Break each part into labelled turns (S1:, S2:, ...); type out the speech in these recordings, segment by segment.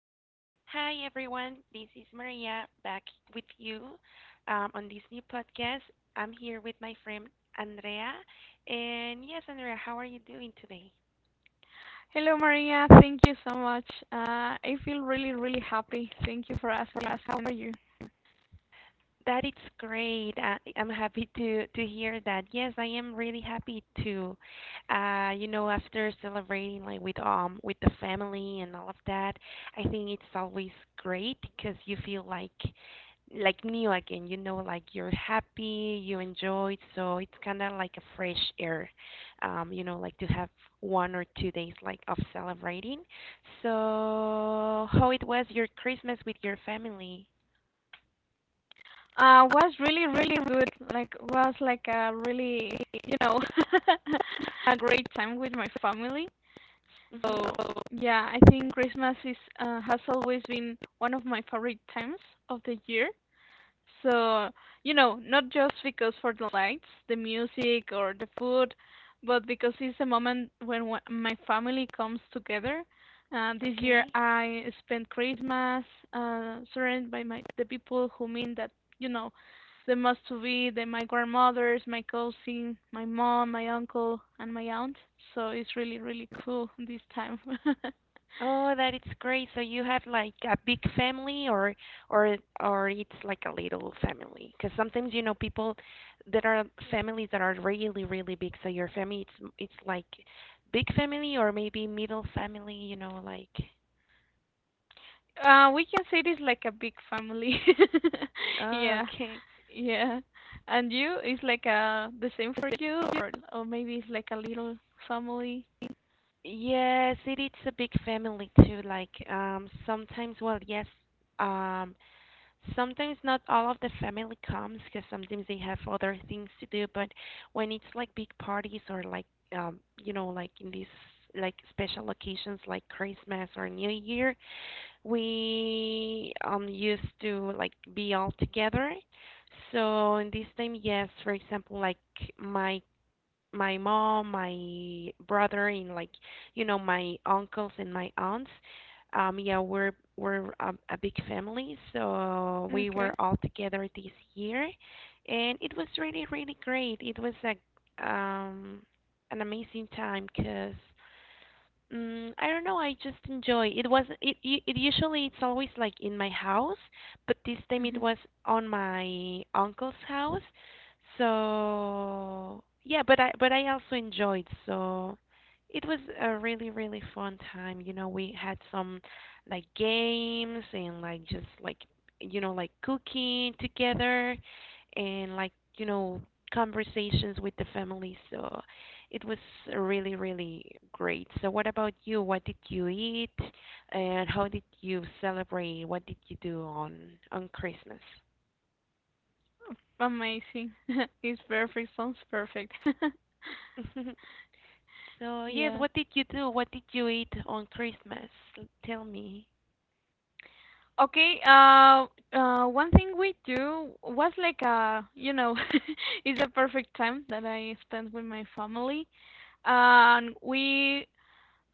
S1: Hi, everyone. This is Maria back with you on this new podcast. I'm here with my friend Andrea. And yes, Andrea, how are you doing today?
S2: Hello, Maria. Thank you so much. I feel really, really happy. Thank you for asking us. How are you?
S1: That is great. I'm happy to hear that. Yes, I am really happy to, after celebrating like with the family and all of that, I think it's always great because you feel like new again. You know, like you're happy, you enjoy, so it's kind of like a fresh air. Like to have one or two days like of celebrating. So, how it was your Christmas with your family?
S2: Was really, really good. Like, was like a really, you know, a great time with my family.
S1: Mhm.
S2: So yeah, I think Christmas is has always been one of my favorite times of the year. So, you know, not just because for the lights, the music, or the food, but because it's a moment when my family comes together. This year
S1: Okay.
S2: I spent Christmas surrounded by my the people who mean that, you know, the must to be, the my grandmothers, my cousin, my mom, my uncle, and my aunt. So it's really, really cool this time.
S1: Oh, that is great. So you have like a big family or or it's like a little family. 'Cause sometimes you know people there are families that are really really big. So your family it's like big family or maybe middle family, you know, like
S2: We can say it is like a big family.
S1: oh,
S2: yeah.
S1: okay.
S2: Yeah. And you is like the same for you or maybe it's like a little family.
S1: Yes, it is a big family too. Like sometimes well, yes. Um sometimes not all of the family comes because sometimes they have other things to do, but when it's like big parties or like you know like in these like special occasions like Christmas or New Year, we used to like be all together. So in this time yes, for example, like my my mom, my brother, and like you know my uncles and my aunts. Yeah, we're a big family, so we
S2: Okay.
S1: were all together this year, and it was really really great. It was a um an amazing time because I don't know. I just enjoy. It was it usually it's always like in my house, but this time it
S2: Hmm.
S1: was on my uncle's house. So yeah, but I also enjoyed. So it was a really really fun time. You know, we had some like games and like just like you know like cooking together and like you know conversations with the family. So it was really, really great. So, what about you? What did you eat, and how did you celebrate? What did you do on Christmas?
S2: Amazing. It's perfect. Sounds perfect.
S1: So, yes,
S2: Yeah.
S1: what did you do? What did you eat on Christmas? L- Tell me.
S2: Okay, one thing we do was like it's a perfect time that I spend with my family. And we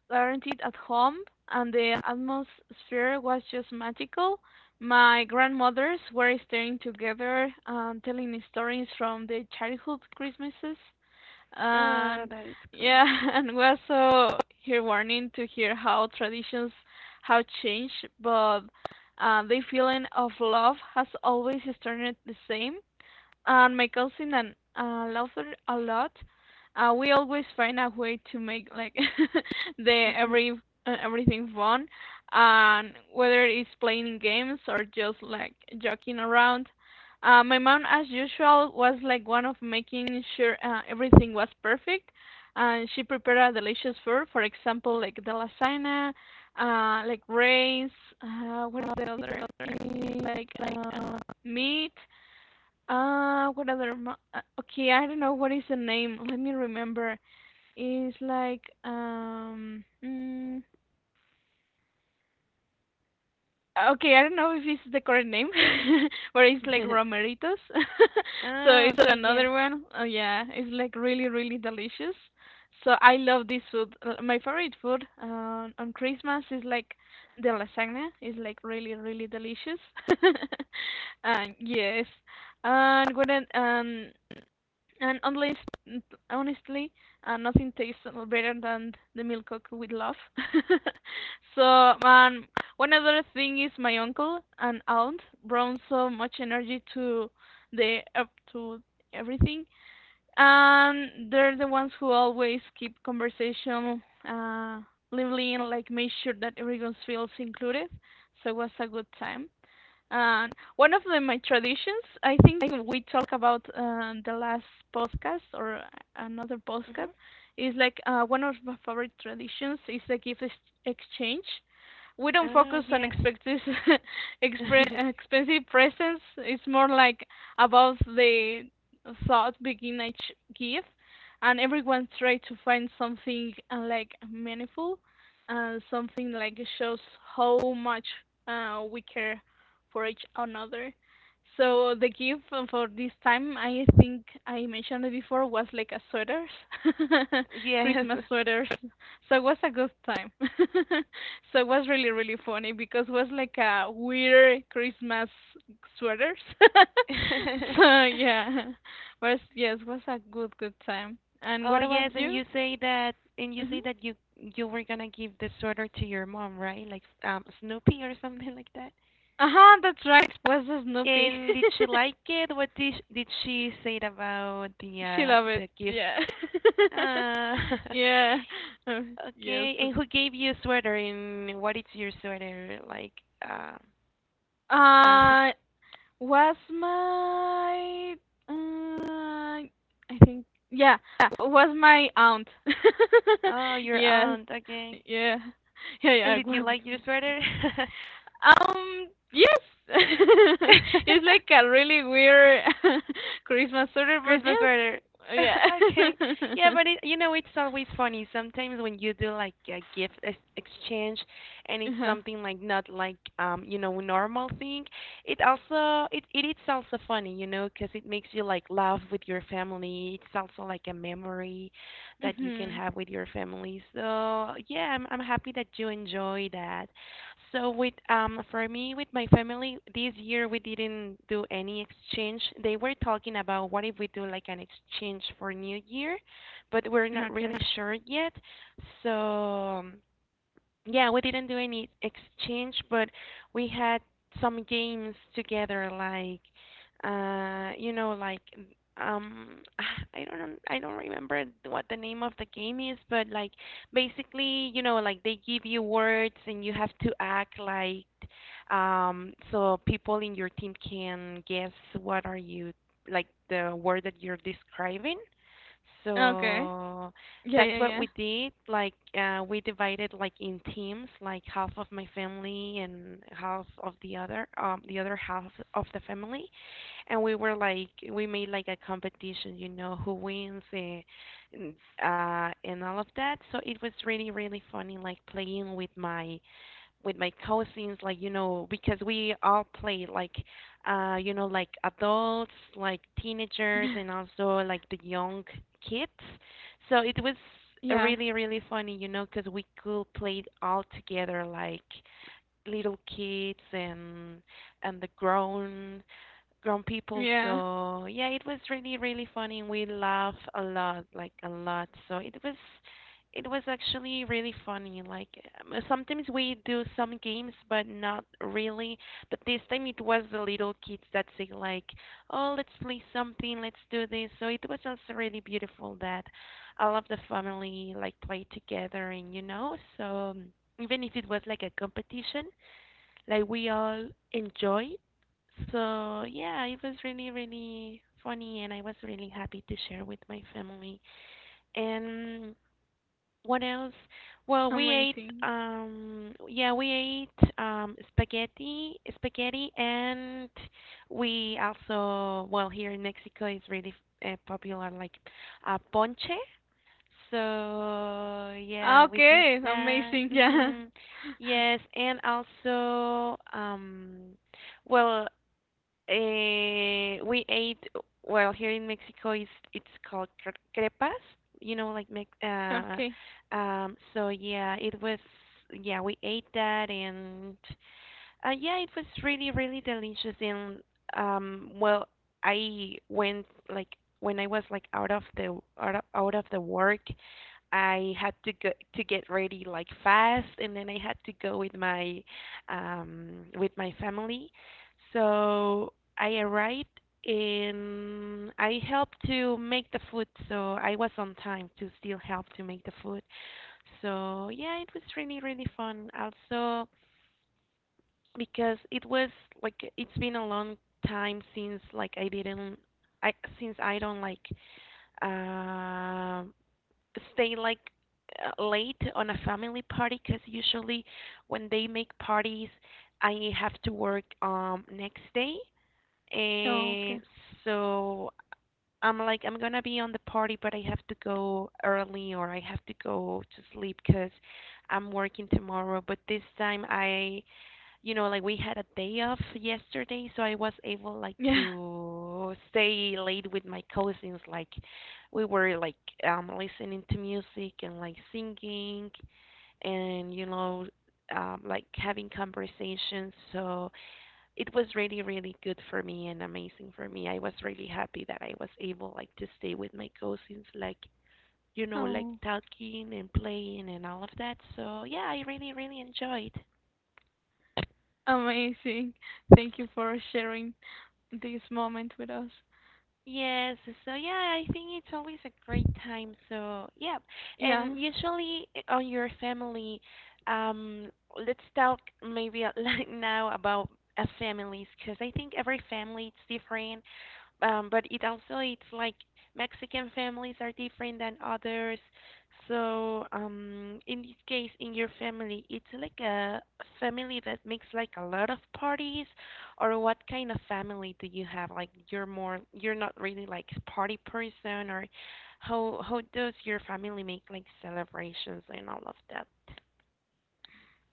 S2: guaranteed at home, and the atmosphere was just magical. My grandmothers were staying together and telling stories from the childhood Christmases,
S1: Ah,
S2: and
S1: that is cool.
S2: yeah, and was so heartwarming to hear how traditions have changed, but the feeling of love has always started the same, and my cousin and loves her a lot. We always find a way to make like the
S1: Mm-hmm.
S2: every everything fun, and whether it's playing games or just like joking around. My mom, as usual, was like one of making sure everything was perfect, and she prepared a delicious food. For example, like the lasagna, like rice, what is the other? Like uh, meat, what other? Okay, I don't know what is the name. Let me remember. It's like. Mm, ah, okay, I don't know if it's the correct name, but it's like romeritos. So
S1: Ah,
S2: it's
S1: okay, yes.
S2: another one. Oh yeah, it's like really really delicious. So I love this food. My favorite food on Christmas is like the lasagna. It's like really really delicious. And yes, and when I- um. And honestly, honestly, nothing tastes better than the milk cooked with love. So, um, one other thing is my uncle and aunt brought so much energy to the up to everything, and they're the ones who always keep conversation uh, lively and like make sure that everyone feels included. So it was a good time. And one of my traditions, I think we talk about the last podcast or another
S1: Mm-hmm.
S2: podcast, is like one of my favorite traditions is the exchange. We don't
S1: Ah,
S2: focus on
S1: yes.
S2: expensive, expensive presents. It's more like about the thought begin each gift, and everyone try to find something like meaningful, and something like shows how much we care for each another. So the gift for this time, I think I mentioned it before, was like a sweaters,
S1: Yes.
S2: Christmas sweaters. So it was a good time. So it was really really funny because it was like a weird Christmas sweaters. So yeah, was a good time. And
S1: Oh
S2: what about
S1: yes, and
S2: you?
S1: you
S2: Mhm.
S1: say that you were gonna give the sweater to your mom, right? Like Snoopy or something like that.
S2: Uh huh. That's right. Was Snoopy.
S1: And did she like it? What did sh- did she say about
S2: She love it.
S1: the gift?
S2: Yeah.
S1: Uh,
S2: Yeah. Uh, yes.
S1: okay. And who gave you a sweater and what is your sweater like? Uh, who,
S2: Uh, was my I think yeah, was my aunt.
S1: oh, your
S2: Yes.
S1: aunt, okay.
S2: Yeah. Yeah,
S1: And
S2: yeah.
S1: did you
S2: well,
S1: like your sweater?
S2: Um, yes. It's like a really weird Christmas order, but
S1: Christmas
S2: yes.
S1: better. okay.
S2: Yeah.
S1: Yeah, but it, you know, it's always funny sometimes when you do like a gift ex- exchange and it's
S2: Uh-huh.
S1: something like not like you know, normal thing. It also it is also funny, you know, 'cause it makes you like laugh with your family. It's also like a memory that you can
S2: Mhm.
S1: have with your family. So, yeah, I'm happy that you enjoy that. So with for me with my family this year we didn't do any exchange. They were talking about what if we do like an exchange for New Year, but we're not
S2: Okay.
S1: really sure yet. So yeah, we didn't do any exchange, but we had some games together, like you know, like um, I don't remember what the name of the game is, but like basically, you know, like they give you words and you have to act like so people in your team can guess what are you like the word that you're describing.
S2: Okay.
S1: So
S2: Yeah,
S1: that's
S2: yeah,
S1: what we
S2: yeah.
S1: did. Like we divided like in teams, like half of my family and half of the other half of the family, and we made like a competition, you know, who wins eh, and and all of that. So it was really really funny, like playing with my cousins like you know because we all play like you know like adults like teenagers and also like the young kids, so it was
S2: Yeah,
S1: really really funny you know because we could play all together like little kids and the grown people.
S2: yeah.
S1: So yeah, it was really really funny. We laughed a lot, like a lot. So it was actually really funny. Like sometimes we do some games, but not really. But this time it was the little kids that say like, "Oh, let's play something, let's do this." So it was also really beautiful that all of the family like played together, and you know, so even if it was like a competition, like we all enjoyed. So yeah, it was really really funny, and I was really happy to share with my family. And what else? Well, we ate
S2: Amazing.
S1: yeah we ate spaghetti spaghetti, and we also well here in Mexico is really popular like ponche. So yeah,
S2: Ah,
S1: we did
S2: okay,
S1: that.
S2: amazing. Yeah.
S1: Hmm Yes, and also, well, we ate. Well, here in Mexico, is it's called cre- crepas. You know, like Mex.
S2: Okay.
S1: So yeah, it was. Yeah, we ate that, and yeah, it was really, really delicious. And well, I went like when I was like out of the out of the work. I had to go to get ready like fast, and then I had to go with my family. So I arrived and I helped to make the food, so I was on time to still help to make the food. So yeah, it was really really fun. Also because it was like it's been a long time since like I didn't I since I don't like uh, stay like late on a family party because usually when they make parties, I have to work next day,
S2: Oh,
S1: and
S2: okay.
S1: so I'm like I'm gonna be on the party, but I have to go early or I have to go to sleep because I'm working tomorrow. But this time I you know, like we had a day off yesterday, so I was able like
S2: Yeah.
S1: to stay late with my cousins. Like we were like listening to music and like singing and you know like having conversations. So it was really really good for me and amazing for me. I was really happy that I was able like to stay with my cousins like you know like
S2: Oh,
S1: talking and playing and all of that. So yeah, I really really enjoyed.
S2: amazing. Thank you for sharing this moment with us.
S1: Yes, so yeah, I think it's always a great time. So yeah, and
S2: Yeah.
S1: usually on your family, um, let's talk maybe like now about families because I think every family it's different, but it also it's like Mexican families are different than others. So in this case, in your family, it's like a family that makes like a lot of parties, or what kind of family do you have? Like you're not really like a party person, or how does your family make like celebrations and all of that?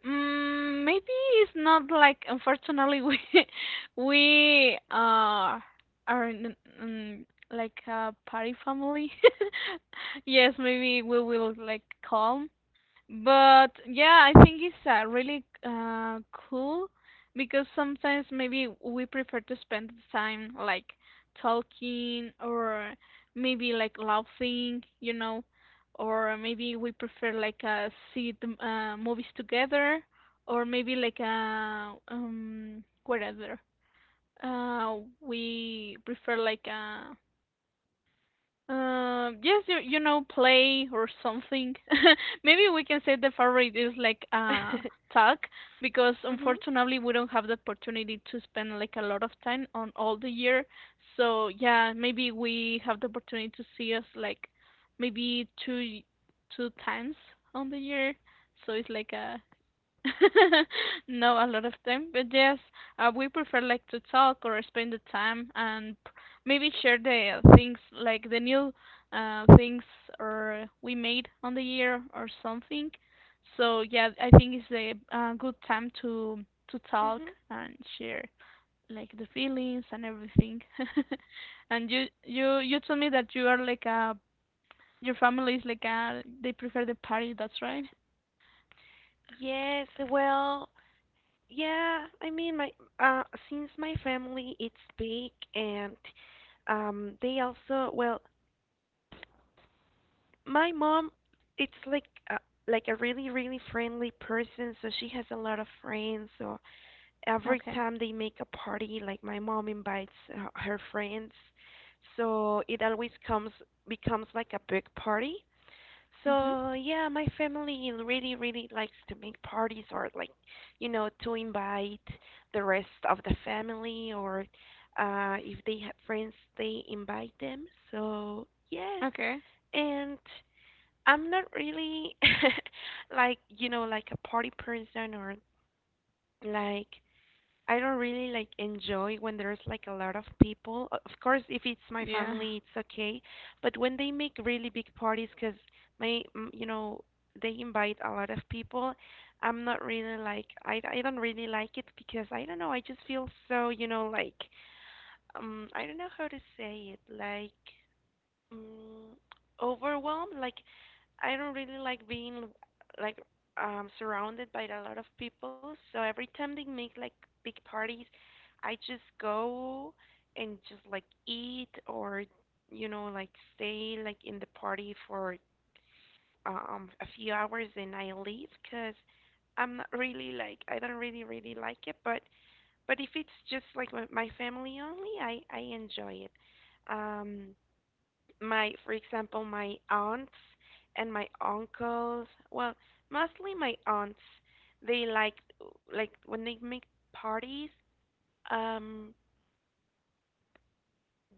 S2: Mm, maybe it's not like unfortunately we we are in, like a party family. Yes, maybe we will like calm. But yeah, I think it's really cool because sometimes maybe we prefer to spend time like talking or maybe like laughing, you know, or maybe we prefer like see the movies together or maybe like whatever. We prefer like yes, you know, play or something. Maybe we can say the favorite is like talk because
S1: Mhm.
S2: unfortunately we don't have the opportunity to spend like a lot of time on all the year. So yeah, maybe we have the opportunity to see us like maybe two times on the year. So it's like a no, a lot of time, but yes, we prefer like to talk or spend the time maybe share the things like the new things or we made on the year or something. So yeah, I think it's a good time to talk
S1: Mhm.
S2: and share like the feelings and everything. And you told me that you are like a your family is like a they prefer the party. That's right.
S1: Yes, well, yeah, I mean my uh since my family it's big and they also well my mom it's like a, like a really really friendly person, so she has a lot of friends, so every
S2: Okay.
S1: time they make a party like my mom invites her friends, so it always comes becomes like a big party.
S2: Mhm.
S1: So yeah, my family really, really likes to make parties or like, you know, to invite the rest of the family or if they have friends, they invite them. So yes.
S2: Okay.
S1: And I'm not really like, you know, like a party person or like I don't really like enjoy when there's like a lot of people. O- Of course, if it's my
S2: Yeah.
S1: family, it's okay. But when they make really big parties, cause my, you know, they invite a lot of people, I'm not really like I don't really like it because I don't know, I just feel so, you know, like I don't know how to say it, like Mm, overwhelmed, like I don't really like being like surrounded by a lot of people. So every time they make like big parties, I just go and just like eat or you know like stay like in the party for a few hours and I leave 'cause I'm not really like I don't really really like it, but if it's just like my family only, I enjoy it. Um, my for example my aunts and my uncles, well, mostly my aunts, they like when they make parties. um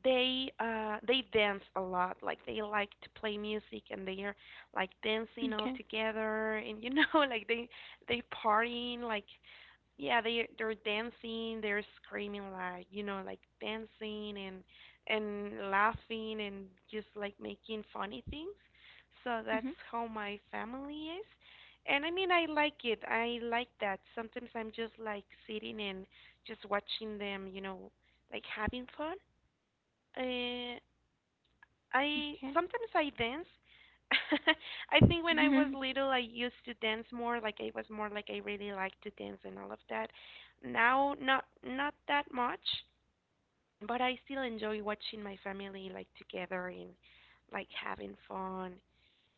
S1: they dance a lot. Like they like to play music and they are like dancing all
S2: Okay.
S1: together, and you know, like they partying like Yeah, they they're dancing, they're screaming, like you know, like dancing and laughing and just like making funny things. So that's
S2: Mhm.
S1: how my family is. And I mean, I like it. I like that. Sometimes I'm just like sitting and just watching them, you know, like having fun. Uh, I
S2: Okay.
S1: sometimes I dance. I think when I was little, I used to dance more. Like I was more like I really liked to dance and all of that. Now, not that much, but I still enjoy watching my family like together and like having fun.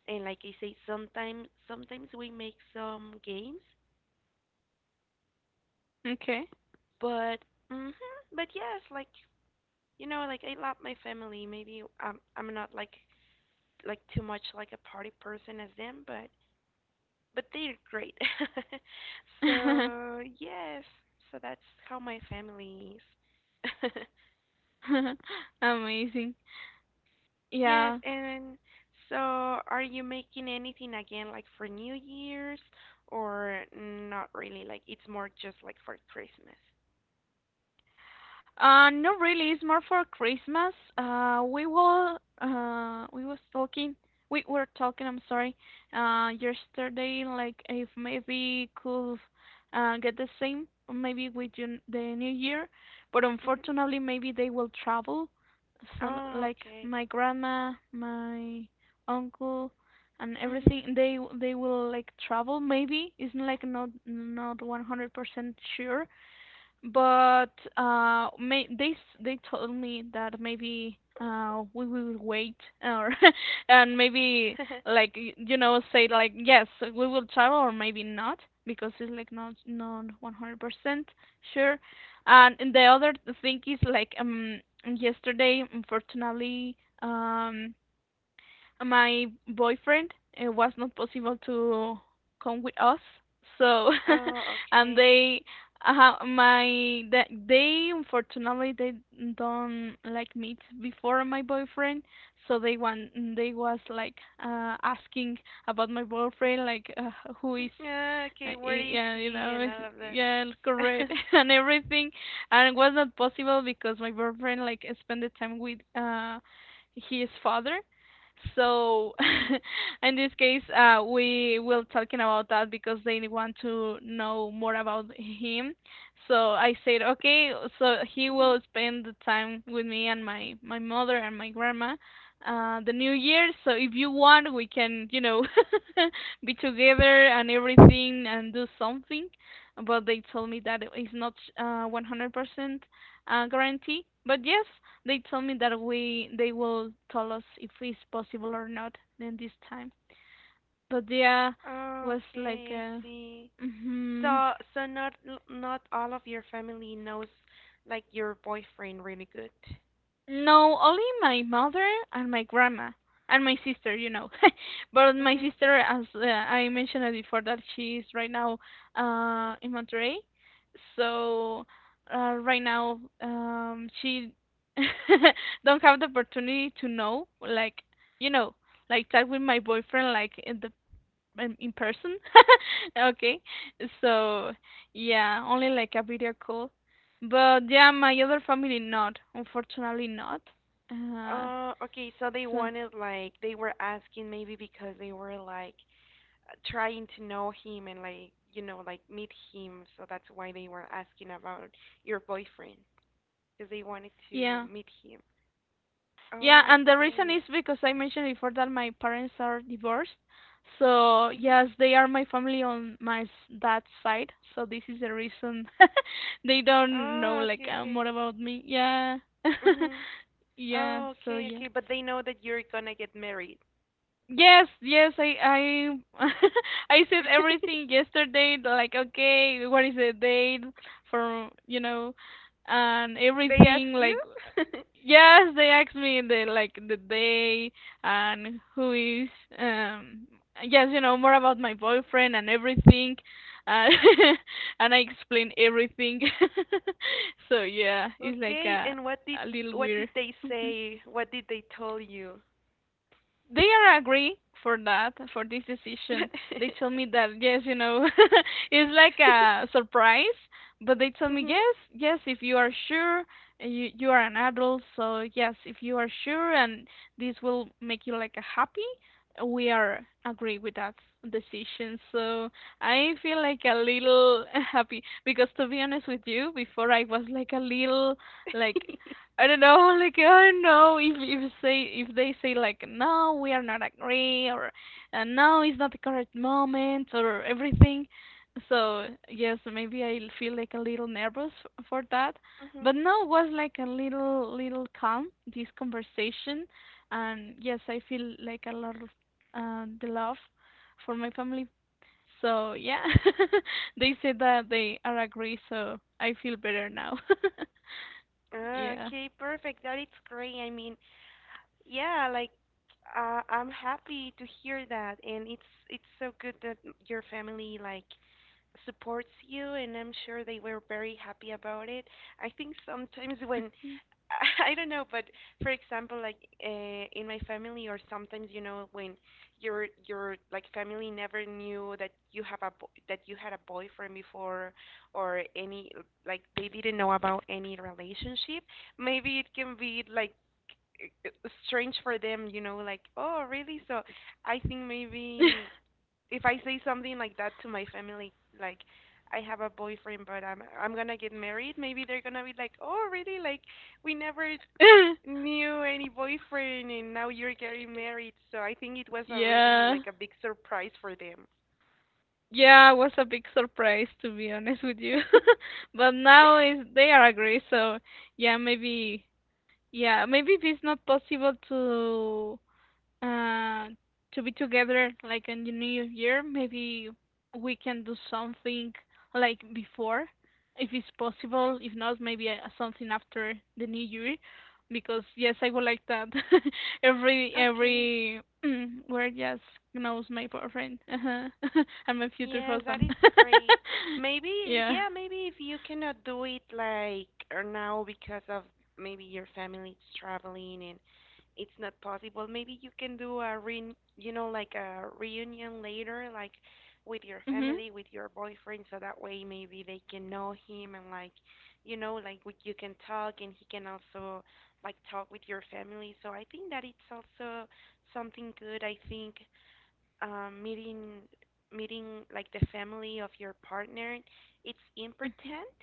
S1: And like I say, sometimes we make some games,
S2: Okay.
S1: but hmm but yes, like you know, like I love my family. Maybe I'm not like like too much like a party person as them, but they're great. So yes, so that's how my family is.
S2: Amazing.
S1: Yes,
S2: Yeah.
S1: and so are you making anything again like for New Year's, or not really? Like it's more just like for Christmas.
S2: Not really. It's more for Christmas. We will. We was talking. We were talking. I'm sorry. Yesterday, like if maybe could get the same, maybe with you the New Year, but
S1: Hmm.
S2: unfortunately, maybe they will travel. So
S1: Oh,
S2: like
S1: okay.
S2: my grandma, my uncle, and
S1: Hmm.
S2: everything, they will like travel. Maybe it's like not 100% sure, but they told me that maybe we will wait or and maybe like you know say like yes we will travel or maybe not because it's like not 100% sure. And the other thing is like yesterday unfortunately um my boyfriend it was not possible to come with us so
S1: Oh,
S2: and
S1: okay.
S2: they my that they unfortunately they don't like meet before my boyfriend so they was like asking about my boyfriend like who is
S1: Yeah, okay, where is
S2: yeah you
S1: he
S2: know
S1: and all of that?
S2: yeah correct and everything, and it was not possible because my boyfriend like spent the time with his father, so in this case, we will talking about that because they want to know more about him. So I said, okay, so he
S1: Hmm.
S2: will spend the time with me and my mother and my grandma, the New Year. So if you want, we can, you know, be together and everything and do something. But they told me that it's not 100% guarantee. But yes, they told me that we they will tell us if it's possible or not then this time. But yeah, was like
S1: Okay, I see.
S2: hmm
S1: So, not not all of your family knows like your boyfriend really good.
S2: no, only my mother and my grandma and my sister, you know. But my
S1: Mhm.
S2: sister, as I mentioned it before, that she is right now in Monterrey, so right now she don't have the opportunity to know like you know like talk with my boyfriend like in the in person. Okay. So, yeah, only like a video call. But yeah, my other family not. Unfortunately not. Uh,
S1: Okay, so they
S2: so,
S1: wanted, like they were asking maybe because they were like trying to know him and like you know like meet him, so that's why they were asking about your boyfriend, because they wanted to
S2: yeah.
S1: meet him.
S2: Yeah,
S1: Oh,
S2: and the reason
S1: okay.
S2: is because I mentioned before that my parents are divorced. So,
S1: Mhm.
S2: yes, they are my family on dad's side. So, this is the reason they don't know
S1: Oh,
S2: like
S1: okay,
S2: more
S1: okay.
S2: about me. Yeah.
S1: Mhm.
S2: Yeah,
S1: Oh,
S2: so
S1: okay,
S2: yeah.
S1: okay. But they know that you're gonna get married.
S2: Yes, yes, I I said everything yesterday, like okay, what is the date for, you know, and
S1: They
S2: everything
S1: ask you?
S2: like yes, they asked me the like the day and who is um yes, you know, more about my boyfriend and everything. Uh, and I explained everything. So yeah, it's like
S1: Okay, and
S2: a little
S1: what did
S2: weird.
S1: they
S2: Mm-hmm,
S1: say? What did they tell you?
S2: they are agree for that for this decision. They told me that yes you know it's like a surprise, but they told me
S1: Mhm.
S2: yes yes if you are sure, you are an adult, so yes if you are sure and this will make you like a happy, we are agree with that decision. So I feel like a little happy because to be honest with you before I was like a little like I don't know, like I don't know if say if they say like no, we are not agree, or no, it's not the correct moment or everything. So yes, maybe I feel like a little nervous for that,
S1: Mhm.
S2: but no, it was like a little little calm this conversation, and yes, I feel like a lot of the love for my family. So yeah, they said that they are agree, so I feel better now.
S1: Ah,
S2: Yeah.
S1: okay, perfect. That is great. I mean, yeah, like I'm happy to hear that, and it's so good that your family like supports you, and I'm sure they were very happy about it. I think sometimes when I don't know, but for example, like in my family, or sometimes you know when your like family never knew that you have a that you had a boyfriend before, or any like they didn't know about any relationship. Maybe it can be like i- i- strange for them, you know, like, oh, really? So I think maybe if I say something like that to my family, like, I have a boyfriend, but I'm gonna get married. Maybe they're gonna be like, "Oh, really? Like, we never knew any boyfriend, and now you're getting married." So I think it was a really
S2: Yeah.
S1: like a big surprise for them.
S2: Yeah, it was a big surprise to be honest with you. But now is they are agree, so yeah, maybe yeah, maybe if it's not possible uh to be together like in the new year, maybe we can do something like before, if it's possible. If not, maybe something after the new year, because yes I would like that. every
S1: Okay.
S2: every where, yes, knows my boyfriend, uh-huh. And my future
S1: Yeah, that is
S2: husband.
S1: great. Maybe,
S2: Yeah.
S1: yeah, maybe if you cannot do it like or now because of maybe your family is traveling and it's not possible, maybe you can do a re, you know, like a reunion later, like with your
S2: Mhm.
S1: family, with your boyfriend, so that way maybe they can know him and like, you know, like we, you can talk and he can also like talk with your family. So I think that it's also something good, I think, um, meeting meeting like the family of your partner, it's important.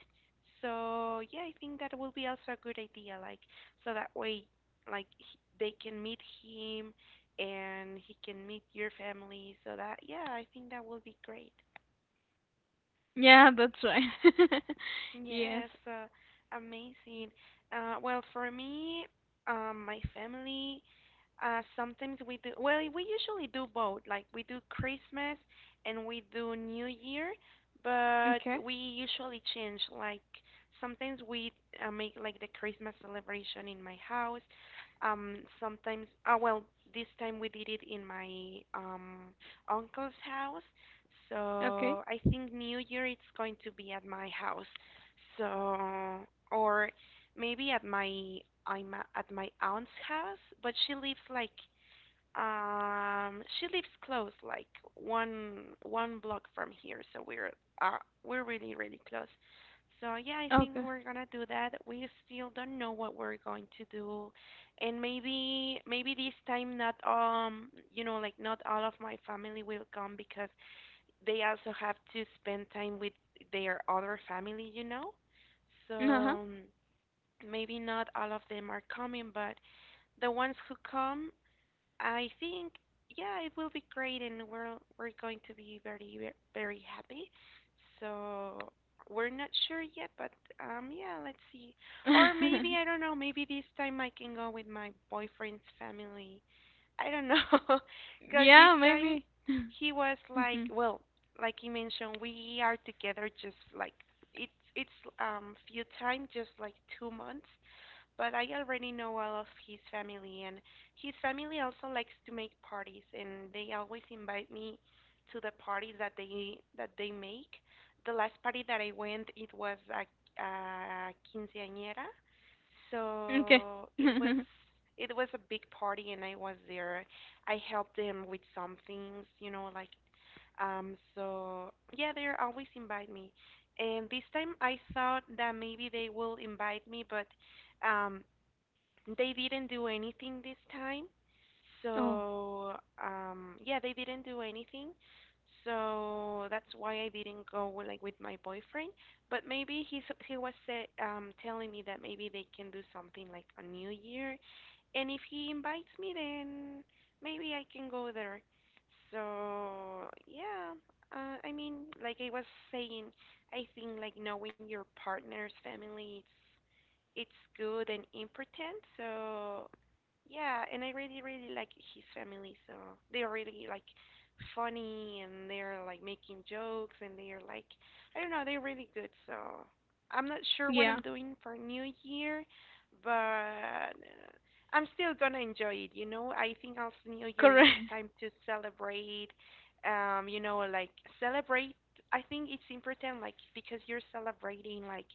S1: So yeah, I think that will be also a good idea, like so that way like they can meet him, and he can meet your family. So that, yeah, I think that will be great.
S2: Yeah, that's right. Yes.
S1: Yes, amazing. Well, for me, my family, sometimes we do, well, we usually do both. Like we do Christmas and we do New Year, but
S2: Okay.
S1: we usually change. Like sometimes we make like the Christmas celebration in my house. Sometimes, well, this time we did it in my uncle's house.
S2: Okay.
S1: So I think New Year it's going to be at my house. So, or maybe at my at my aunt's house, but she lives like she lives close, like one block from here, so uh we're really really close. So yeah, I think
S2: Okay.
S1: we're gonna do that. We still don't know what we're going to do, and maybe this time not you know like not all of my family will come because they also have to spend time with their other family, you know? So
S2: Uh-huh.
S1: maybe not all of them are coming, but the ones who come, I think, yeah, it will be great, and we're going to be very very happy. So we're not sure yet, but yeah, let's see. Or maybe I don't know. Maybe this time I can go with my boyfriend's family, I don't know, because this
S2: Yeah,
S1: time
S2: maybe.
S1: he was like, well, like you mentioned, we are together just like it's few time, just like 2 months, but I already know all of his family, and his family also likes to make parties, and they always invite me to the parties that they make. The last party that I went, it was a quinceañera,
S2: Okay.
S1: so it was a big party, and I was there. I helped them with some things, you know, like. So yeah, they always invite me. And this time I thought that maybe they will invite me, but um, they didn't do anything this time.
S2: Oh,
S1: So, yeah, they didn't do anything. So that's why I didn't go with, like with my boyfriend. But maybe he's he was telling me that maybe they can do something like a New Year, and if he invites me, then maybe I can go there. So yeah, I mean, like I was saying, I think like knowing your partner's family, it's good and important. So yeah, and I really really like his family. So they're really like funny, and they're like making jokes, and they're like I don't know, they're really good. So I'm not sure what
S2: yeah,
S1: I'm doing for New Year, but I'm still gonna enjoy it. You know, I think also New Year
S2: correct.
S1: it's time to celebrate. You know, like celebrate. I think it's important, like because you're celebrating like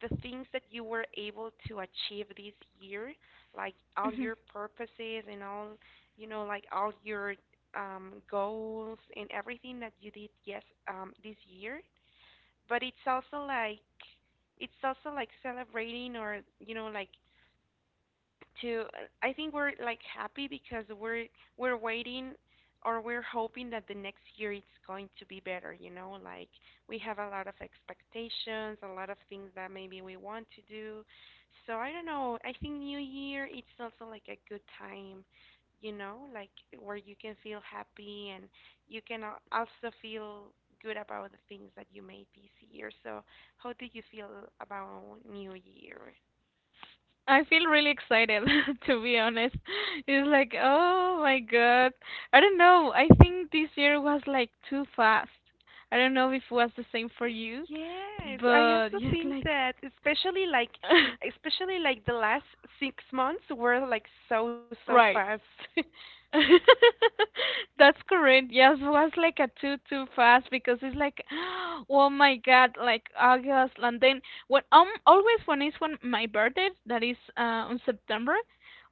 S1: the things that you were able to achieve this year, like all
S2: Mhm.
S1: your purposes and all, you know, like all your goals and everything that you did, yes, this year. But it's also like celebrating, or you know like to I think we're like happy because we're waiting or we're hoping that the next year it's going to be better, you know, like we have a lot of expectations, a lot of things that maybe we want to do. So I don't know. I think new year it's also like a good time, you know, like where you can feel happy and you can also feel good about the things that you made this year. So how do you feel about new year?
S2: I feel really excited, to be honest. It's like, oh my God. I don't know. I think this year was like too fast. I don't know if it was the same for you,
S1: Yes, I
S2: but
S1: also
S2: yes,
S1: think
S2: like,
S1: that especially like especially like the last 6 months were like so fast.
S2: right. That's correct. Yes, was like a too too fast because it's like, oh my God, like August. And then when always when it's when my birthday, that is on September,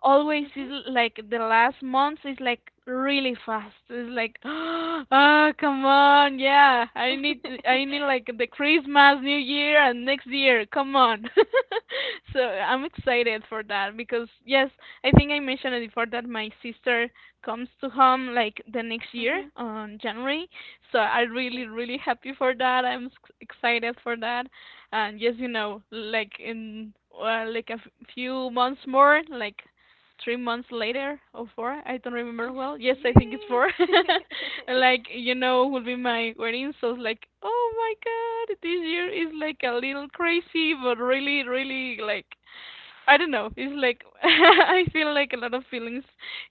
S2: always
S1: Mhm.
S2: is like the last month is like really fast. It's like, ah, come on, yeah, I need like the Christmas, New Year, and next year. Come on. So I'm excited for that because yes, I think I mentioned it before that my sister comes to home like the next year
S1: Mhm.
S2: on January. So I'm
S1: Yeah.
S2: really really happy for that. I'm s- excited for that. And yes, you know, like in like a f- few months more, like 3 months later or four, I don't remember well, yes I think it's
S1: Yes.
S2: four. Like you know, will be my wedding, so it's like oh my god, this year is like a little crazy, but really really like I don't know. It's like I feel like a lot of feelings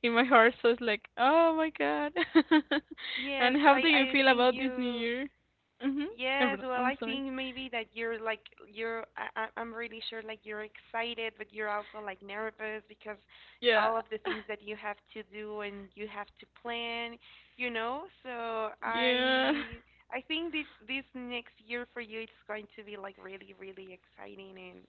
S2: in my heart, so it's like, oh my god.
S1: Yes,
S2: And how do
S1: I
S2: you
S1: I
S2: feel
S1: think
S2: about this new
S1: you
S2: year? Mhm.
S1: yes,
S2: Everyone,
S1: well,
S2: I'm
S1: I
S2: sorry.
S1: think maybe that you're like you're I'm really sure like you're excited, but you're also like nervous because
S2: Yeah.
S1: all of the things that you have to do and you have to plan, you know? So
S2: Yeah.
S1: I think this next year for you it's going to be like really really exciting and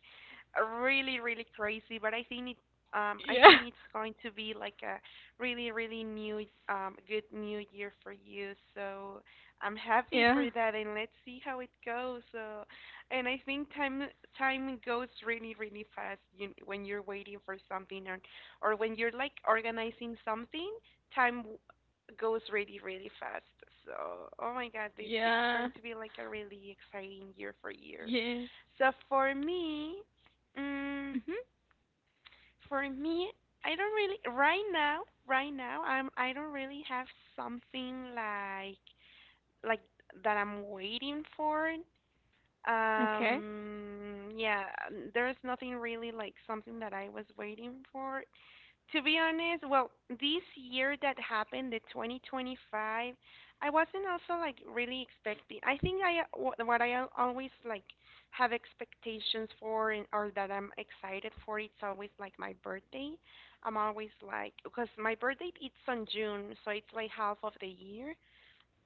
S1: really really crazy, but I think it I
S2: Yeah.
S1: think it's going to be like a really really new good new year for you. So I'm happy for
S2: Yeah.
S1: that, and let's see how it goes. And I think time goes really, really fast you, when you're waiting for something, or when you're like organizing something. Time w- goes really, really fast. So, oh my God, it, it's
S2: Yeah.
S1: going to be like a really exciting year for year.
S2: Yeah.
S1: So for me, mm,
S2: Mhm.
S1: for me, I don't really right now. Right now, I don't really have something like that I'm waiting for.
S2: Okay.
S1: Yeah, there's nothing really like something that I was waiting for. To be honest, well, this year that happened, the 2025, I wasn't also like really expecting. I think I what I always like have expectations for and or that I'm excited for. It's always like my birthday. I'm always like because my birthday it's on June, so it's like half of the year.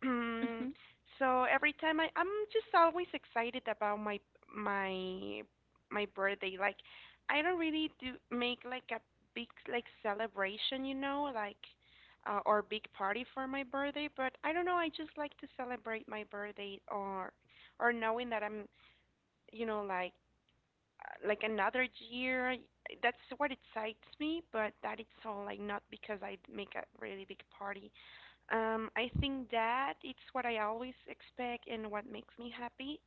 S1: Mm,
S2: Mhm.
S1: so every time I'm just always excited about my my birthday. Like I don't really do make like a big like celebration, you know, like or big party for my birthday. But I don't know. I just like to celebrate my birthday or knowing that I'm you know like like another year. That's what excites me. But that it's all like not because I make a really big party. I think that it's what I always expect and what makes me happy.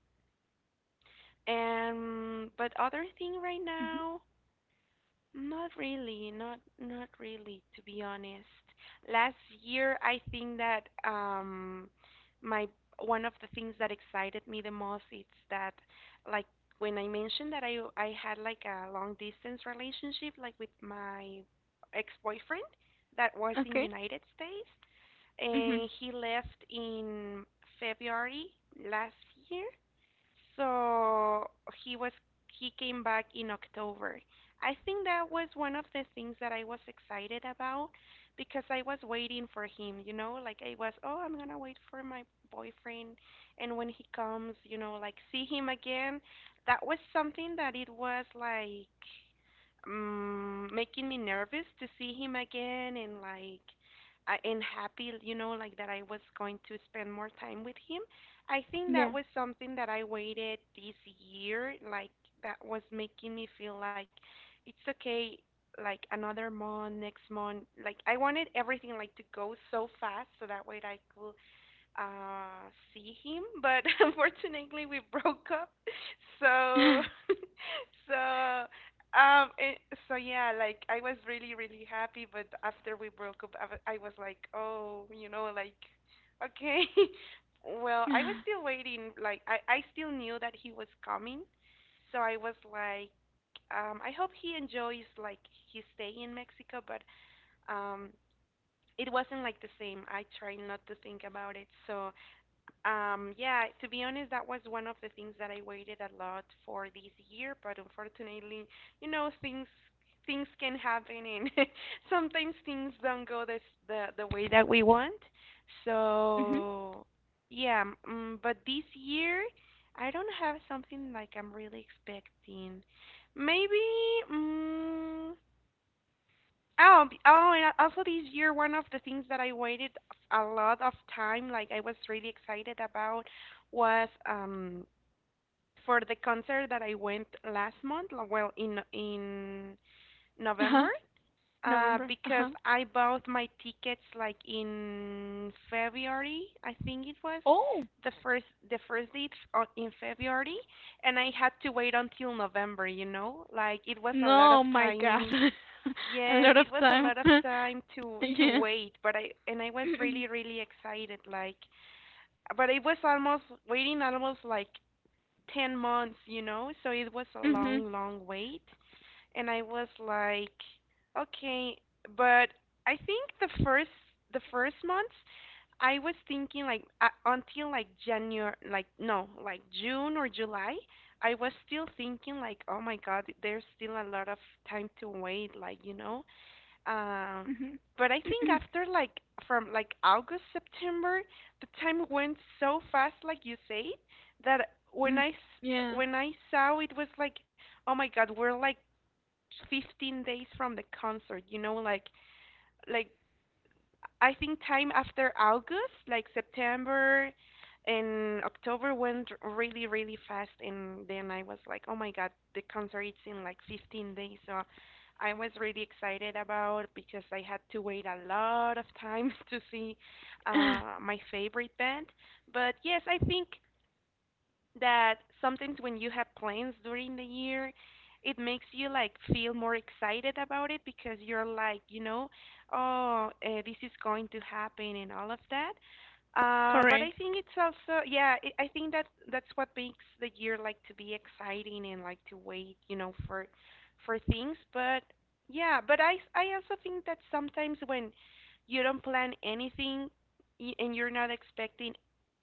S1: And but other thing right
S2: Mhm.
S1: now, not really, not really, to be honest. Last year, I think that my one of the things that excited me the most is that, like, when I mentioned that I had like a long distance relationship like with my ex-boyfriend that was in
S2: Okay.
S1: United States
S2: Mhm.
S1: and he left in February last year. So he was he came back in October. I think that was one of the things that I was excited about because I was waiting for him, you know, like I was, oh, I'm gonna wait for my boyfriend and when he comes, you know, like see him again. That was something that it was like making me nervous to see him again and like and happy, you know, like that I was going to spend more time with him. I think that
S2: Yeah.
S1: was something that I waited this year, like that was making me feel like it's okay, like another month, next month, like I wanted everything like to go so fast so that way I could see him, but unfortunately we broke up. So so um it, so yeah, like I was really really happy, but after we broke up, I was like, oh, you know, like okay. Well, I was still waiting, like i still knew that he was coming. So I was like, I hope he enjoys like his stay in mexico, but um it wasn't like the same. I try not to think about it. So yeah, to be honest, that was one of the things that I waited a lot for this year, but unfortunately, you know, things can happen, and sometimes things don't the way that we want.
S2: Mhm.
S1: So, yeah, but this year I don't have something like I'm really expecting. Maybe, mm oh, oh, and also this year, one of the things that I waited a lot of time, like I was really excited about, was for the concert that I went last month, well, in
S2: Uh-huh.
S1: November,
S2: November.
S1: because
S2: Uh-huh.
S1: I bought my tickets like in February, I think it was
S2: Oh.
S1: the first date in February, and I had to wait until November, you know, like it was a lot of
S2: No, my god.
S1: time.
S2: A
S1: Yes,
S2: lot of
S1: it was a
S2: time.
S1: lot of time to
S2: Yeah.
S1: wait, but I was really really excited, like but it was almost waiting almost like 10 months, you know? So it was a
S2: Mhm.
S1: long long wait, and I was like okay, but I think the first month I was thinking like, until like January, like, no, like June or July, I was still thinking like, oh my God, there's still a lot of time to wait, like, you know. Um,
S2: Mhm.
S1: but I think after like from like August, September, the time went so fast, like you say, that
S2: Mm. Yeah.
S1: when I saw, it was like, oh my God, we're like 15 days from the concert, you know, like I think time after August, like September and October went really, really fast, and then I was like, "Oh my God, the concert is in like 15 days." So I was really excited about, because I had to wait a lot of time to see my favorite band. But yes, I think that sometimes when you have plans during the year, it makes you like feel more excited about it, because you're like, you know, oh, this is going to happen and all of that. But I
S2: Correct.
S1: think it's also, yeah, I think that that's what makes the year like to be exciting and like to wait, you know, for things. But yeah, but I also think that sometimes when you don't plan anything, and you're not expecting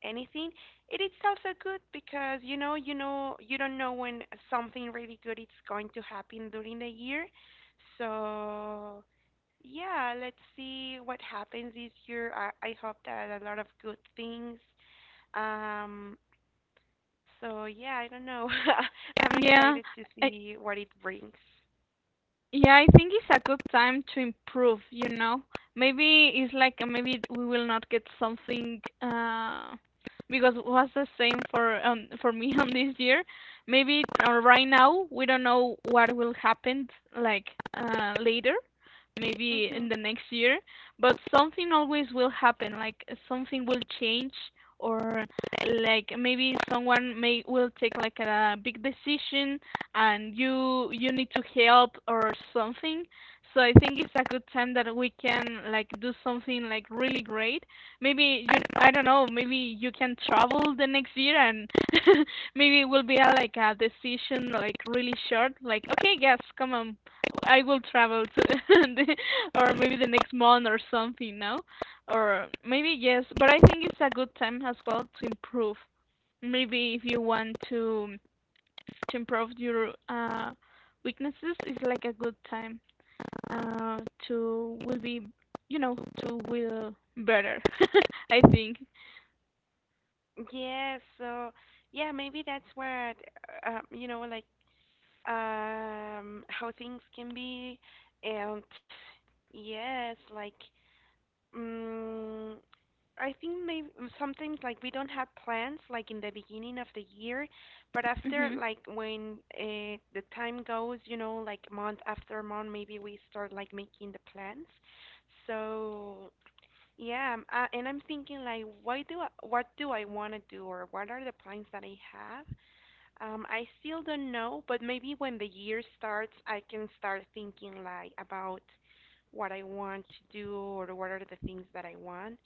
S1: anything, it is also good, because you know, you know, you don't know when something really good is going to happen during the year. So, yeah, let's see what happens this year. I hope that a lot of good things. Um, so yeah, I don't know. I'm
S2: Yeah.
S1: excited to
S2: I
S1: see what it brings.
S2: Yeah, I think it's a good time to improve, you know. Maybe it's like maybe we will not get something because it was the same for me on this year. Maybe right now we don't know what will happen like later, maybe in
S1: Mhm.
S2: the next year, but something always will happen, like something will change, or like maybe someone may will take like a big decision and you need to help or something. So I think it's a good time that we can like do something like really great. Maybe you, I don't know, maybe you can travel the next year and maybe it will be a, like a decision like really short, like okay, yes, come on. I will travel to the, or maybe the next month or something, no? Or maybe yes, but I think it's a good time as well to improve, maybe if you want to improve your weaknesses, is like a good time uh, to will be, you know, to will better. I think
S1: Yeah, so yeah, maybe that's what you know, like how things can be, and yes, like, mm, I think maybe sometimes like we don't have plans like in the beginning of the year, but after
S2: mhm
S1: like when, the time goes, you know, like month after month, maybe we start like making the plans. So yeah, and I'm thinking like, what do I want to do, or what are the plans that I have? I still don't know, but maybe when the year starts, I can start thinking like about what I want to do or what are the things that I want.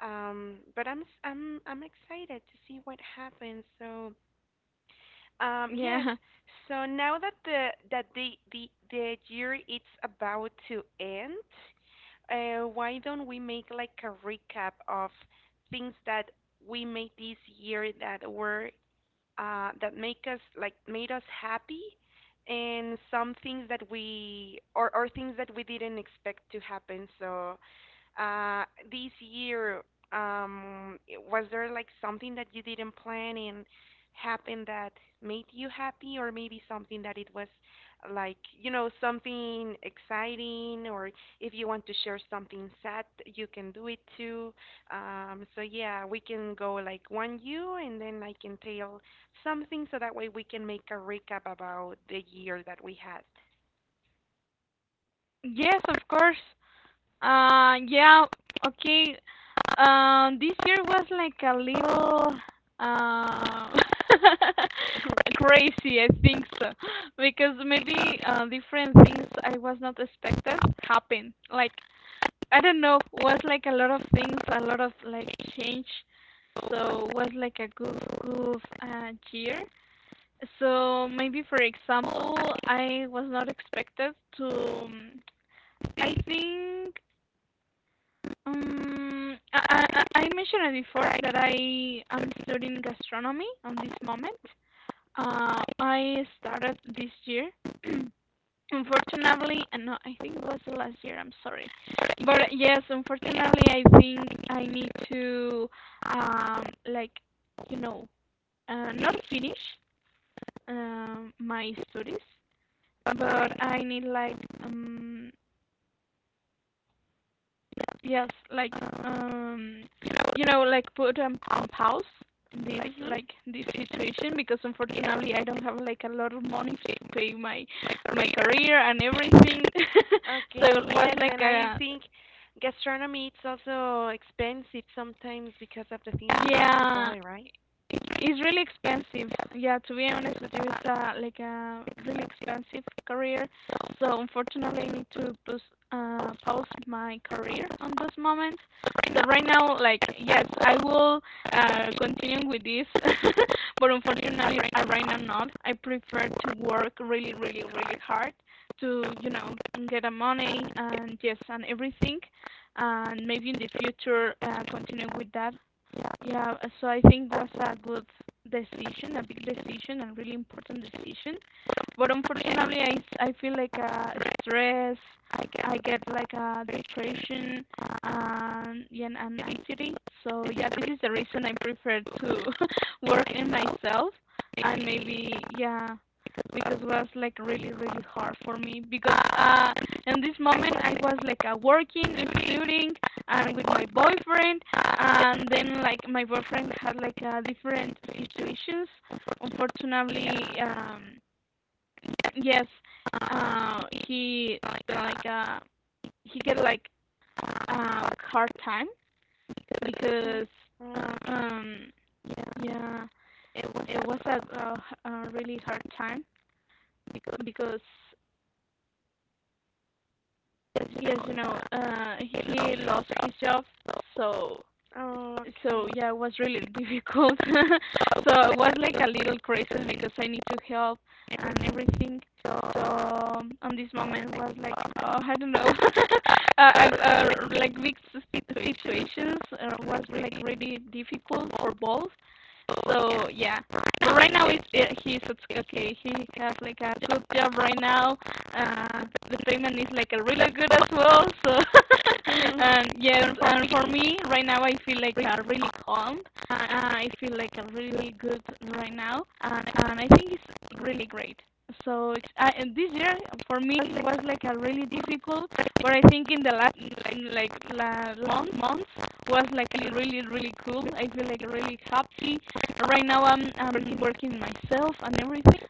S1: But I'm s- I'm excited to see what happens. So, yes.
S2: yeah.
S1: So now that the year it's about to end, why don't we make like a recap of things that we made this year that were, that make us like, made us happy, and some things that we, or things that we didn't expect to happen? So uh, this year, um, was there like something that you didn't plan and happened that made you happy, or maybe something that it was like, you know, something exciting, or if you want to share something sad, you can do it too. So yeah, we can go like, one you, and then I can tell something, so that way we can make a recap about the year that we had.
S2: Yes, of course. Yeah, okay. This year was like a little uh crazy I think so, because maybe different things I was not expected happened, like I don't know, was like a lot of things, a lot of like change. So was like a goof year. So maybe for example, I was not expected to. I think I mentioned it before that I am studying gastronomy on this moment. I started this year. Unfortunately, and no I think it was the last year, I'm sorry. But yes unfortunately I think I need to like you know not finish my studies, but I need like um yes like um you know like put on pause this,
S1: hmm
S2: like this situation, because unfortunately I don't have like a lot of money to pay my my career and everything. So
S1: Okay,
S2: it was
S1: yes,
S2: like
S1: and I
S2: a
S1: think gastronomy it's also expensive sometimes because of the things you have to
S2: Yeah,
S1: buy, right?
S2: it's really expensive. Yeah, to be honest with you, it's a, like a really expensive career. So unfortunately, I need to pause, pause my career on this moment. But right now, like yes, I will continue with this, but unfortunately, I right now not. I prefer to work really, really, really hard to you know get a money and yes and everything, and maybe in the future continue with that. Yeah, so I think was a good decision, a big decision, a really important decision. But unfortunately, I, s- I feel like stress, I get like depression and, yeah, and anxiety. So yeah, this is the reason I prefer to work in myself and maybe, yeah, because was like really, really hard for me, because in this moment I was like working, studying, and with my boyfriend, and then like my boyfriend had like different situations unfortunately. um yes, he like, he get like hard time
S1: Mm-hmm.
S2: because
S1: Okay.
S2: um yeah it was a really hard time because yes you know he lost his job, so so
S1: Okay.
S2: yeah, it was really difficult. So it was like a little crisis because I need to help and everything. So on this moment was like, oh, I don't know. Like big sis- situations, was like really difficult for both. So yeah, but right now it's, it, he's it's okay. He has like a good job right now. Uh, the payment is like a really good as well. So and yeah, and for me right now I feel like really calm. Uh, I feel like a really good right now, and I think it's really great. So it's- I, and this year for me it was like a really difficult, but I think in the last, in like la, long months was like really really cool. I feel like really happy right now. I'm really working myself and everything.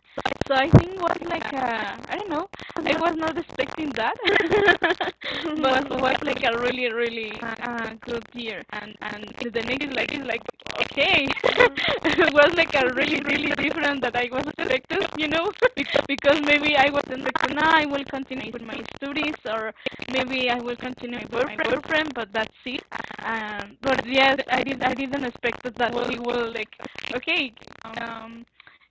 S2: So I think it was like a, I don't know. I was not expecting that, but it was like a really really good year. And the next is like okay,
S1: Mhm.
S2: it was like a really really different that I was expected, you know. Bec- because maybe I wasn't expecting, "Ah, I will continue with my studies, or maybe I will continue my boyfriend, but that's it." But yes, I did I didn't expect that we will like okay um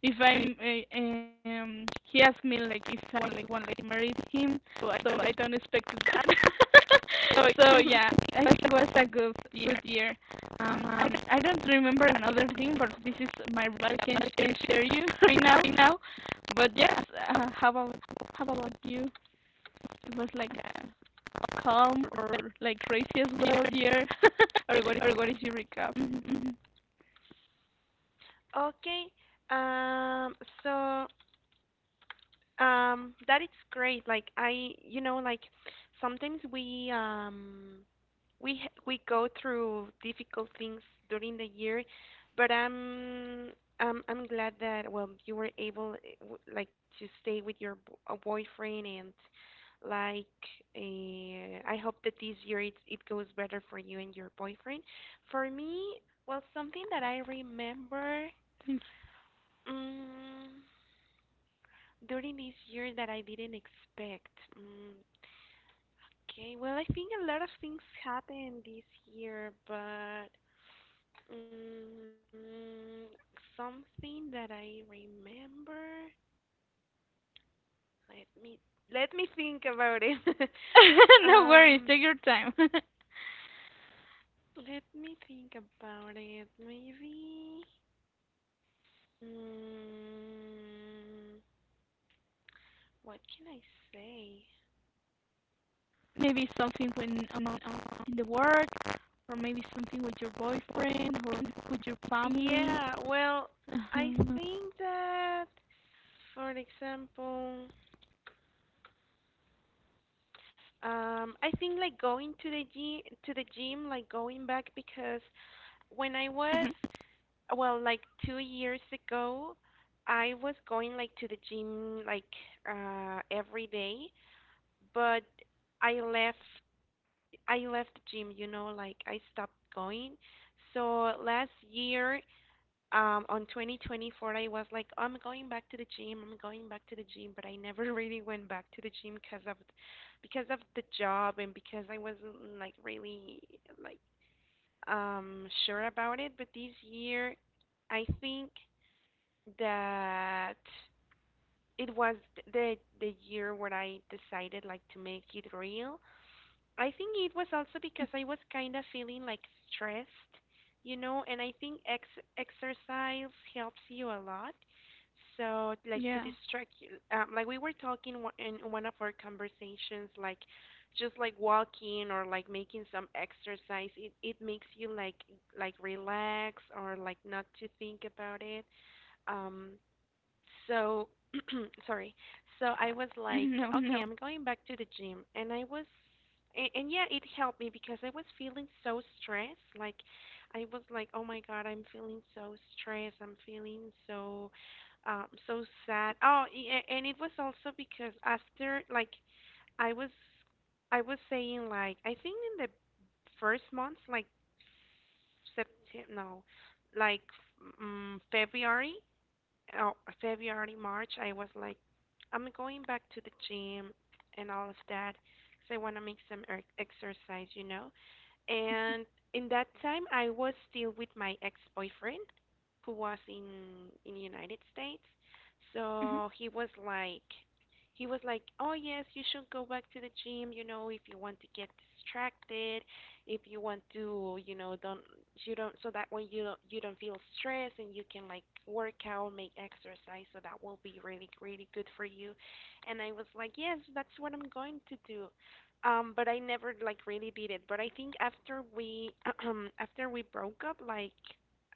S2: if I'm he asked me like if I want like marry him, so I don't expect that. So, so yeah I think it was a good good year. I, d- I don't remember another thing but this is my I can share you right now right now. But yes, uh, how about how about you, it was like a calm or like crazy as well year? Or what, or what is your recap? Mhm, mhm.
S1: Okay. Um, so that is great. Like, I, you know, like sometimes we we go through difficult things during the year, but I'm glad that, well, you were able, like to stay with your boyfriend, and like, I hope that this year it goes better for you and your boyfriend. For me, well, something that I remember. Mm during this year that I didn't expect. Mm, okay, well, I think a lot of things happened this year, but mm, something that I remember. Let me let me think about it. um, let me think about it. Maybe. Mm, what can I say? Yeah, well, I think that, for example, I think like going to the gym, like going back, because when I was, well, like 2 years ago, I was going like to the gym like every day, but I left I left the gym, you know, like I stopped going. So last year, on 2024, I was like, I'm going back to the gym, but I never really went back to the gym, because of the job and because I wasn't like really like sure about it. But this year, I think that it was the year where I decided like to make it real. I think it was also because I was kind of feeling like stressed, you know, and I think ex exercise helps you a lot. So, like, to distract you, like we were talking, in one of our conversations, like, just like walking or like making some exercise, it makes you like relax or like not to think about it. Um, so, sorry. So I was like, okay, I'm going back to the gym, and yeah, it helped me because I was feeling so stressed. Like, I was like, oh my God, I'm feeling so stressed. I'm feeling so, so sad. Oh, and it was also because after, like, I was, I was saying like, I think in the first months, like September, no, like February, oh, February, March, I was like, I'm going back to the gym and all of that, because I want to make some exercise, you know. And in that time, I was still with my ex-boyfriend who was in United States. So he was like, oh yes, you should go back to the gym, you know, if you want to get distracted, if you want to, you know don't you don't so that way you don't feel stressed and you can like work out, make exercise, so that will be really really good for you. And I was like, yes, that's what I'm going to do. But I never like really did it. But I think after we after we broke up, like,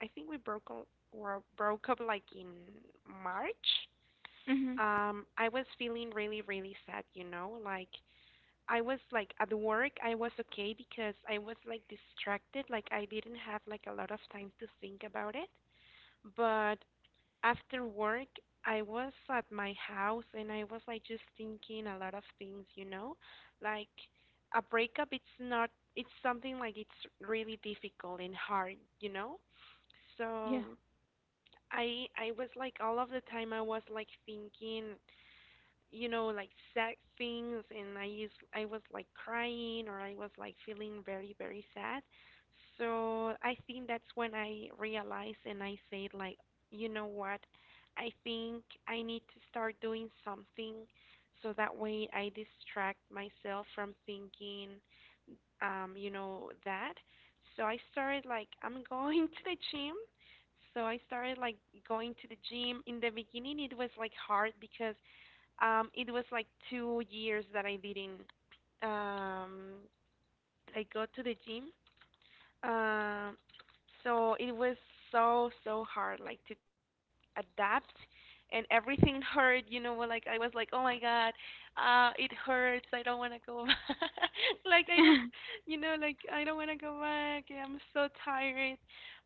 S1: I think we broke up were broke up like in March. I was feeling really really sad, you know, like I was like at work, I was okay because I was like distracted, like I didn't have like a lot of time to think about it. But after work, I was at my house and I was like just thinking a lot of things, you know? Like a breakup, it's not, it's something like it's really difficult and hard, you know? So I was like all of the time I was like thinking, you know, like sad things, and I was like crying or I was like feeling very very sad. So I think that's when I realized and I said like, you know what, I think I need to start doing something, so that way I distract myself from thinking, you know that. So I started like, I'm going to the gym. So I started like going to the gym. In the beginning, it was like hard because it was like 2 years that I didn't. Um, I go to the gym, um, so it was so so hard like to adapt, and everything hurt, you know, like I was like, oh my god, it hurts, I don't want to go back. Like I was, you know, like I don't want to go back, I'm so tired.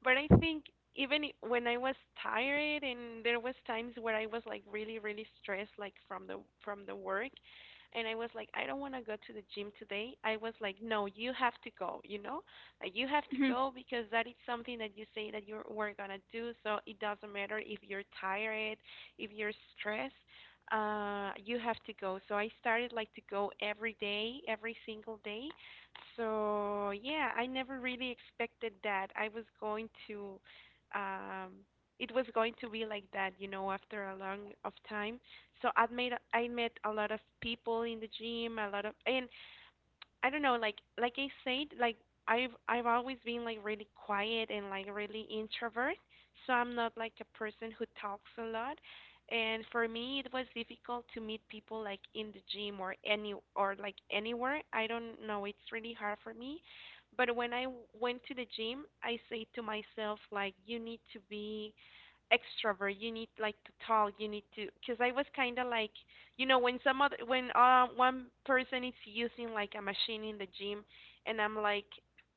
S1: But I think even when I was tired and there was times where I was like really really stressed, like from the work, and I was like, I don't want to go to the gym today. I was like, no, you have to go, you know. You have to go because that is something that you say that you were gonna do. So it doesn't matter if you're tired, if you're stressed. You have to go. So I started like to go every day, every single day. So yeah, I never really expected that I was going to. Um, it was going to be like that, you know, after a long of time. So I met a lot of people in the gym, a lot of, and I don't know, like I said, like I've always been like really quiet and like really introvert, so I'm not like a person who talks a lot. And for me, it was difficult to meet people like in the gym or any or like anywhere. I don't know, it's really hard for me. But when I went to the gym, I say to myself like, you need to be extrovert. You need like to talk. You need to, because I was kind of like, you know, when some other, when one person is using like a machine in the gym, and I'm like,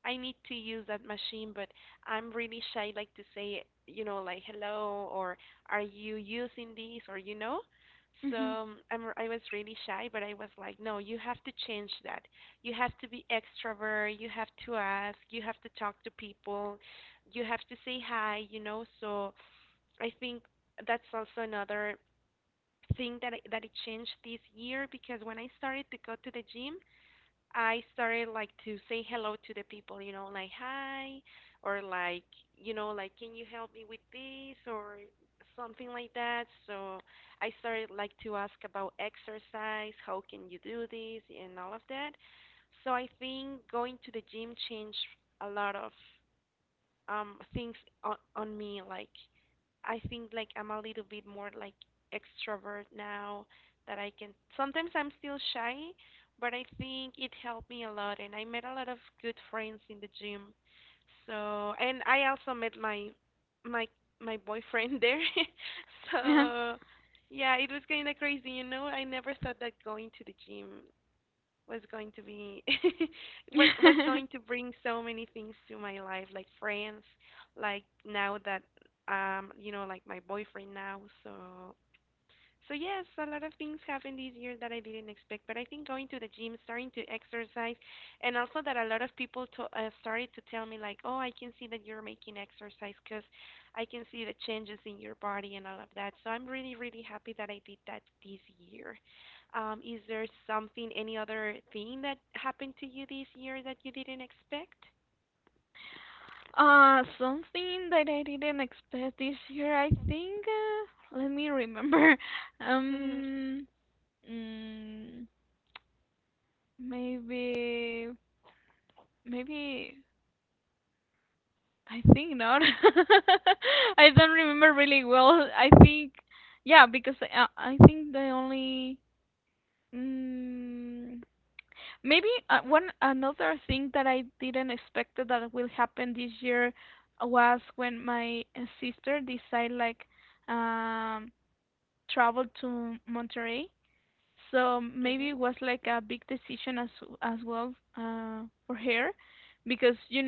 S1: I need to use that machine, but I'm really shy like to say, you know, like hello, or are you using this, or you know. So I was really shy, but I was like, no, you have to change that. You have to be extrovert, you have to ask, you have to talk to people, you have to say hi, you know. So I think that's also another thing that that it changed this year, because when I started to go to the gym, I started like to say hello to the people, you know, like hi, or like, you know, like can you help me with this or something like that. So I started like to ask about exercise, how can you do this, and all of that. So I think going to the gym changed a lot of things on me. Like I think like I'm a little bit more like extrovert now, that I can, sometimes I'm still shy, but I think it helped me a lot and I met a lot of good friends in the gym. So, and I also met my my my boyfriend there. So yeah, it was kind of crazy, you know. I never thought that going to the gym was going to be what was going to bring so many things to my life, like friends, like now that, you know, like my boyfriend now. So so yes, a lot of things happened this year that I didn't expect, but I think going to the gym, starting to exercise, and also that a lot of people to, started to tell me like, "Oh, I can see that you're making exercise because I can see the changes in your body and all of that." So I'm really, really happy that I did that this year. Is there something, any other thing that happened to you this year that you didn't expect? Mhm.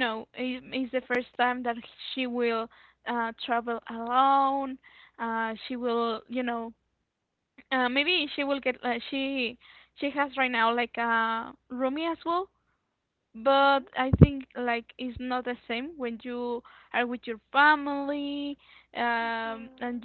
S1: Mhm. Mhm. Mhm.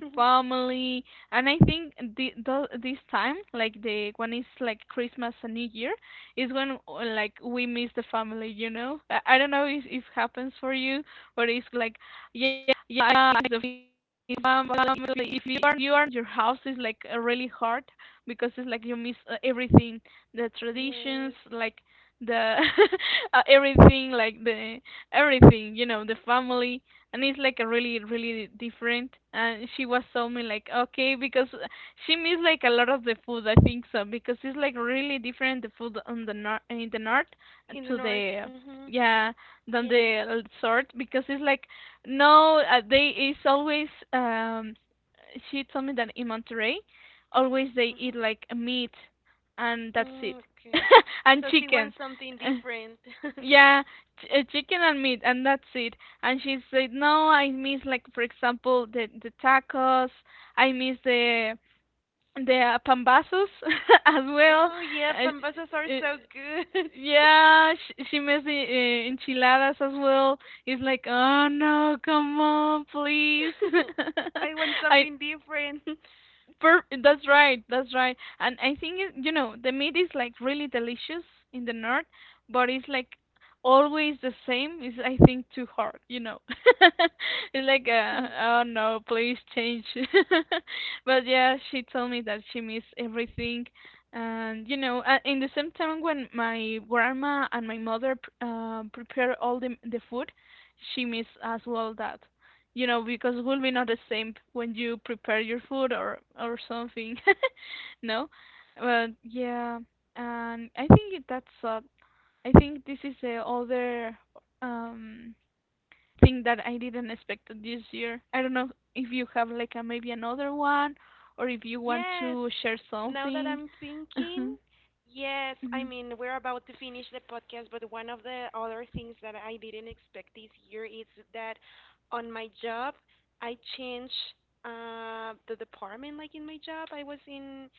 S1: Yes. In the north. Mhm. Yes. Mhm. Mm, okay. So she wants something different. Oh yeah, pambasas are so good. I want something different. Yes, now that I'm thinking, yes, I mean, we're about to finish the podcast, but one of the other things that I didn't expect this year is that on my job, I changed the department. Like in my job, I was in,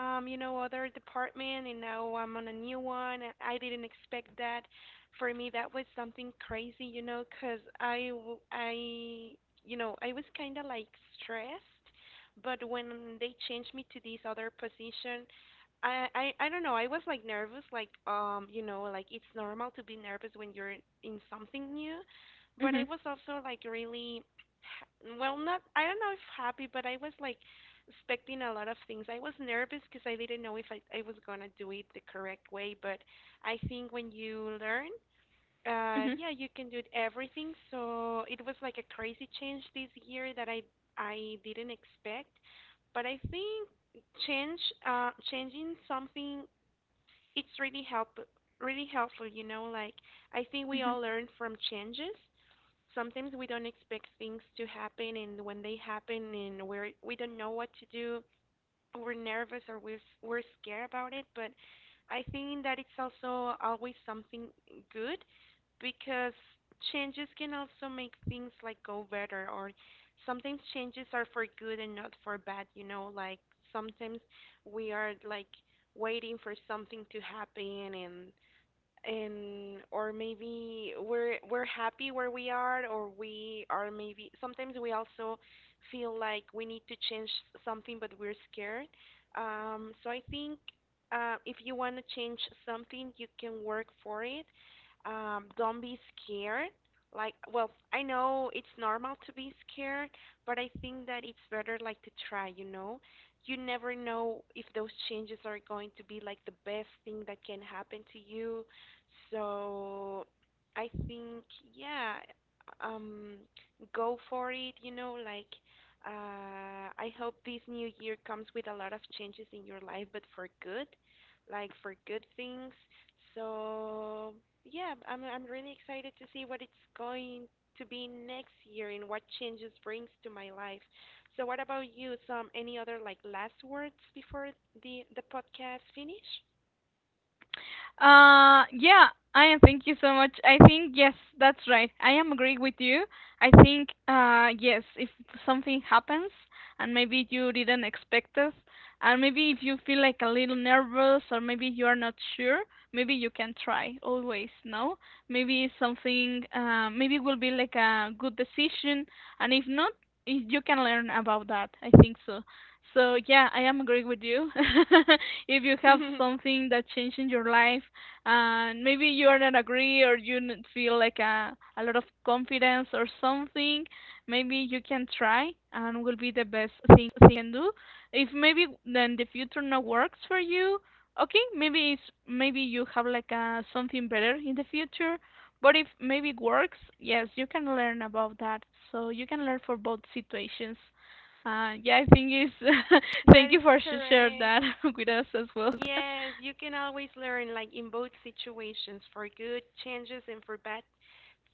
S1: you know, other department, and now I'm on a new one. And I didn't expect that. For me, that was something crazy, you know, 'cause you know, I was kind of like stressed. But when they changed me to this other position, I don't know. I was like nervous, like you know, like it's normal to be nervous when you're in something new. But I was also like really, well, not, I don't know if happy, but I was like expecting a lot of things. I was nervous because I didn't know if I was gonna do it the correct way. But I think when you learn, yeah, you can do it everything. So it was like a crazy change this year that I didn't expect, but I think change changing something, it's really helpful. You know, like I think we all learn from changes. Sometimes we don't expect things to happen, and when they happen, and we don't know what to do, we're nervous or we're scared about it, but I think that it's also always something good, because changes can also make things like go better, or sometimes changes are for good and not for bad, you know, like sometimes we are like waiting for something to happen, and or maybe we're happy where we are, or we are, maybe sometimes we also feel like we need to change something but we're scared. So I think, if you want to change something you can work for it. Don't be scared. Like, well, I know it's normal to be scared, but I think that it's better like to try, you know. You never know if those changes are going to be like the best thing that can happen to you. So I think, yeah, um, go for it, you know, like, I hope this new year comes with a lot of changes in your life, but for good, like for good things. So yeah, I'm really excited to see what it's going to be next year and what changes brings to my life. So what about you? Some any other like last words before the podcast finish? That is correct. Yes, you can always learn, like in both situations, for good changes and for bad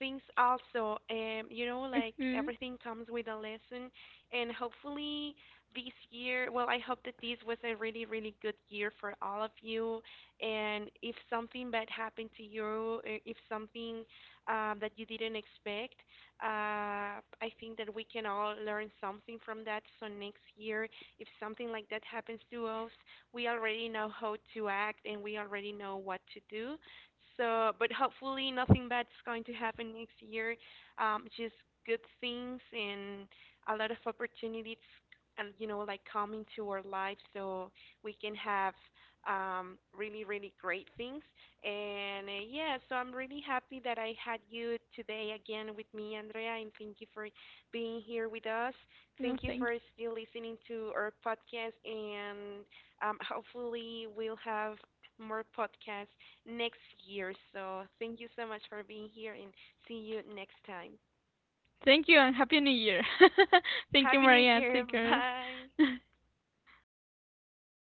S1: things also. You know, like everything comes with a lesson, and hopefully this year, well, I hope that this was a really, really good year for all of you. And if something bad happened to you, if something that you didn't expect, I think that we can all learn something from that. So next year, if something like that happens to us, we already know how to act and we already know what to do. So, but hopefully nothing bad's going to happen next year. Just good things and a lot of opportunities, and you know, like coming to our lives so we can have really, really great things. And yeah, so I'm really happy that I had you today again with me, Andrea, and thank you for being here with us. Thank you for still listening to our podcast, and hopefully, we'll have more podcasts next year. So, thank you so much for being here and see you next time. Happy New Year. Bye.